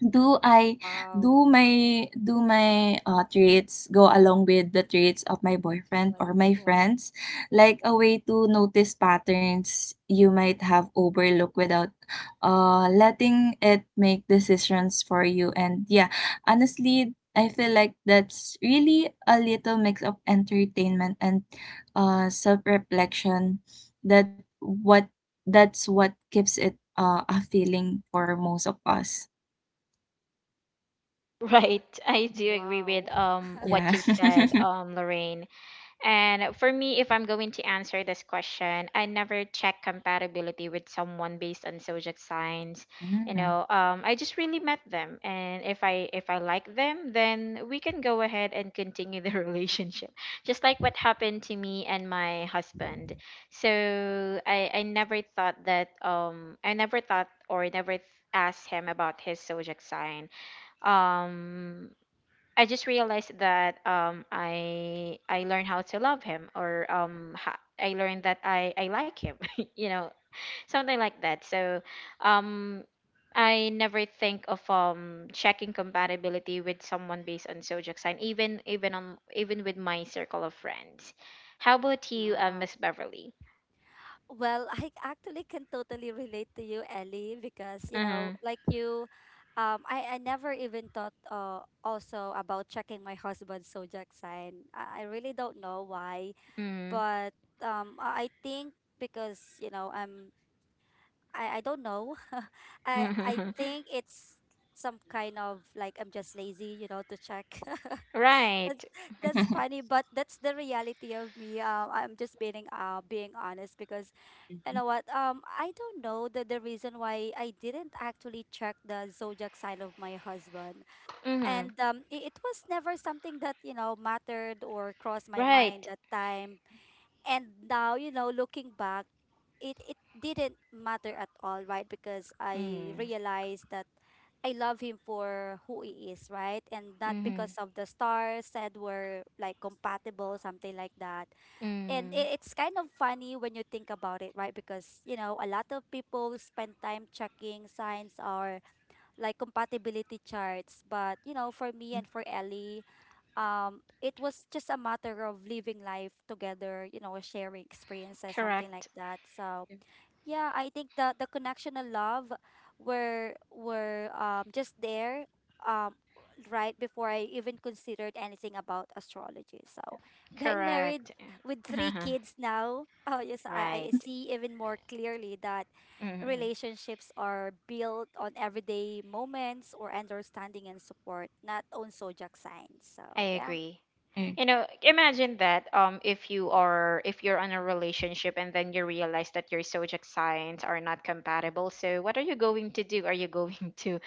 C: do I do
B: Wow.
C: my do my, traits go along with the traits of my boyfriend or
B: Like,
C: my
B: wow.
C: friends? Like a way to notice patterns you might have overlooked without, letting it make decisions for you. And yeah, honestly, I feel like that's really a little mix of entertainment and, self-reflection that what that's what keeps it, a feeling for most of us.
A: Right. I do agree with
B: Wow.
A: what
C: Yeah.
A: you've said, Lorraine. And for me, if I'm going to answer this question, I never check compatibility with someone based on zodiac signs.
C: Mm.
B: Mm.
A: I just really met them, and if I like them, then we can go ahead and continue the relationship, just like what happened to me and my husband. So I never thought that I never thought or never th- asked him about his zodiac sign. um I just realized that I learned how to love him or I learned that I like him you know, something like that. So um I never think of checking compatibility with someone based on zodiac sign, even with my circle of friends. How about you,
B: Wow.
A: Miss Beverly?
B: Well, I actually can totally relate to you, Ellie, because you know,
A: Mm-hmm.
B: like you, I never even thought also about checking my husband's zodiac sign. I really don't know why,
A: Mm-hmm.
B: but I think because you know, I'm I don't know, I
A: Mm-hmm.
B: think it's some kind of like, I'm just lazy, you know, to check. That's
A: Right.
B: funny, but that's the reality of me. I'm just being being honest because.
C: Mhm.
B: You know what? I don't know the reason why I didn't actually check the zodiac sign of my husband,
A: Mm-hmm.
B: and it was never something that, you know, mattered or crossed my
A: Right.
B: mind that time. And now, you know, looking back, it didn't matter at all, right? Because I
A: Mm-hmm.
B: realized that I love him for who he is, right? And not
A: Mm-hmm.
B: because of the stars said were like compatible, something like that. And
A: Mm.
B: it's kind of funny when you think about it, right? Because you know, a lot of people spend time checking signs or like compatibility charts, but you know, for me
C: Mm. Mm.
B: and for Ellie, it was just a matter of living life together, you know, sharing experiences, something
A: Correct.
B: like that. So
C: Yeah.
B: yeah, I think the connection and love were just there, um right before I even considered anything about astrology. So being married
A: Correct.
B: with three
A: Uh-huh.
B: kids now, oh yes, I
A: Right.
B: see even more clearly that
A: Hmm.
B: relationships are built on everyday moments or understanding and support, not on zodiac signs. So
A: I
B: yeah.
A: agree. You know, imagine that, if you are if you're in a relationship and then you realize that your zodiac signs are not compatible. So what are you going to do? Are you going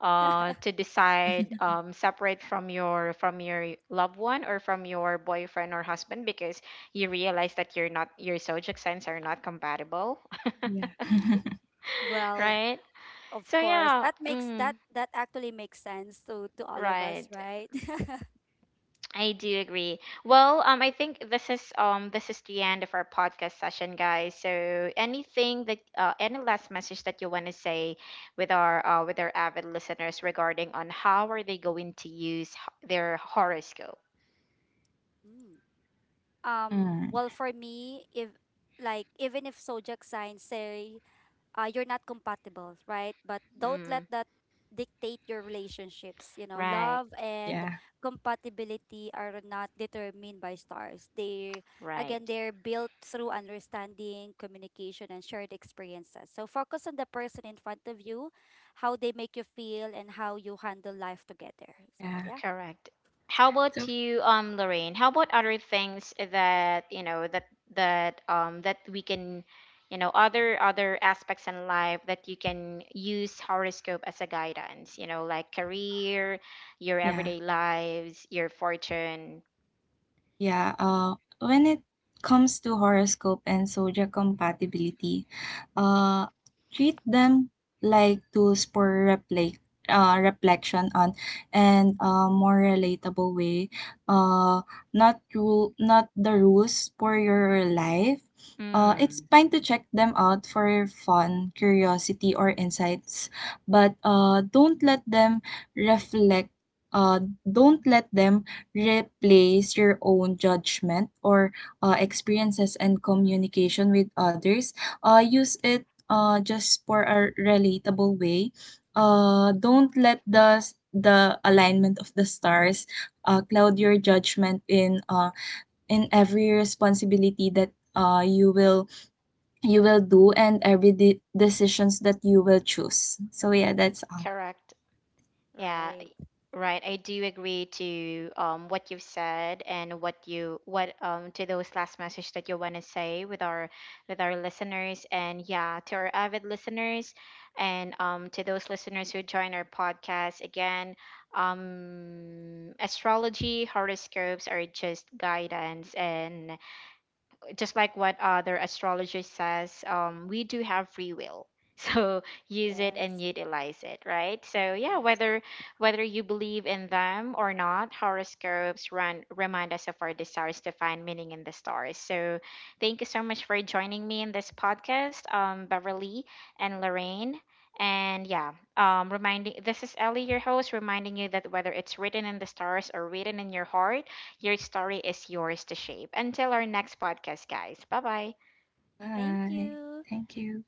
A: to decide, separate from your loved one or from your boyfriend or husband because you realize that you're not your zodiac signs are not compatible,
C: Yeah.
B: Well,
A: right?
B: of
A: So
B: course,
A: yeah.
B: that makes
A: Mm.
B: that that actually makes sense to all of us,
A: Right.
B: right?
A: I do agree. Well, I think this is the end of our podcast session, guys. So anything that any last message that you want to say with our avid listeners regarding on how are they going to use their horoscope?
B: Mm.
C: Mm,
B: Well, for me, if, like, even if zodiac signs say, you're not compatible, right? But don't
A: Mm.
B: let that dictate your relationships. You know,
A: Right,
B: love and
C: yeah,
B: compatibility are not determined by stars. They again
A: right.
B: they're built through understanding, communication, and shared experiences. So focus on the person in front of you, how they make you feel, and how you handle life together. So
C: yeah.
B: yeah,
A: Correct. How
C: So,
A: about you, Lorraine? How about other things that you know, that that we can, you know, other aspects in life that you can use horoscope as a guidance? You know, like career, your
C: yeah.
A: everyday lives, your fortune.
C: Yeah, when it comes to horoscope and zodiac compatibility, uh, treat them like tools for reflect, reflection on and a more relatable way. Uh, not the rules for your life. It's
A: Mm.
C: fine to check them out for fun, curiosity, or insights, but don't let them reflect. Don't let them replace your own judgment or, experiences and communication with others. Use it, just for a relatable way. Don't let the alignment of the stars, cloud your judgment in, every responsibility that, you will do, and every decisions that you will choose. So yeah, that's all.
A: Correct. Yeah.
B: right.
A: Right, I do agree to what you've said and what you what to those last message that you want to say with our listeners, and yeah, to our avid listeners, and to those listeners who join our podcast again. Astrology, horoscopes are just guidance, and just like what other astrologer says, we do have free will. So use it and
B: Yes.
A: utilize it, right? So yeah, whether you believe in them or not, horoscopes run remind us of our desires to find meaning in the stars. So thank you so much for joining me in this podcast, Beverly and Lorraine. And yeah, reminding, this is Ellie, your host, reminding you that whether it's written in the stars or written in your heart, your story is yours to shape. Until our next podcast, guys. Bye bye.
B: Thank
C: Bye.
B: you.
C: Thank you.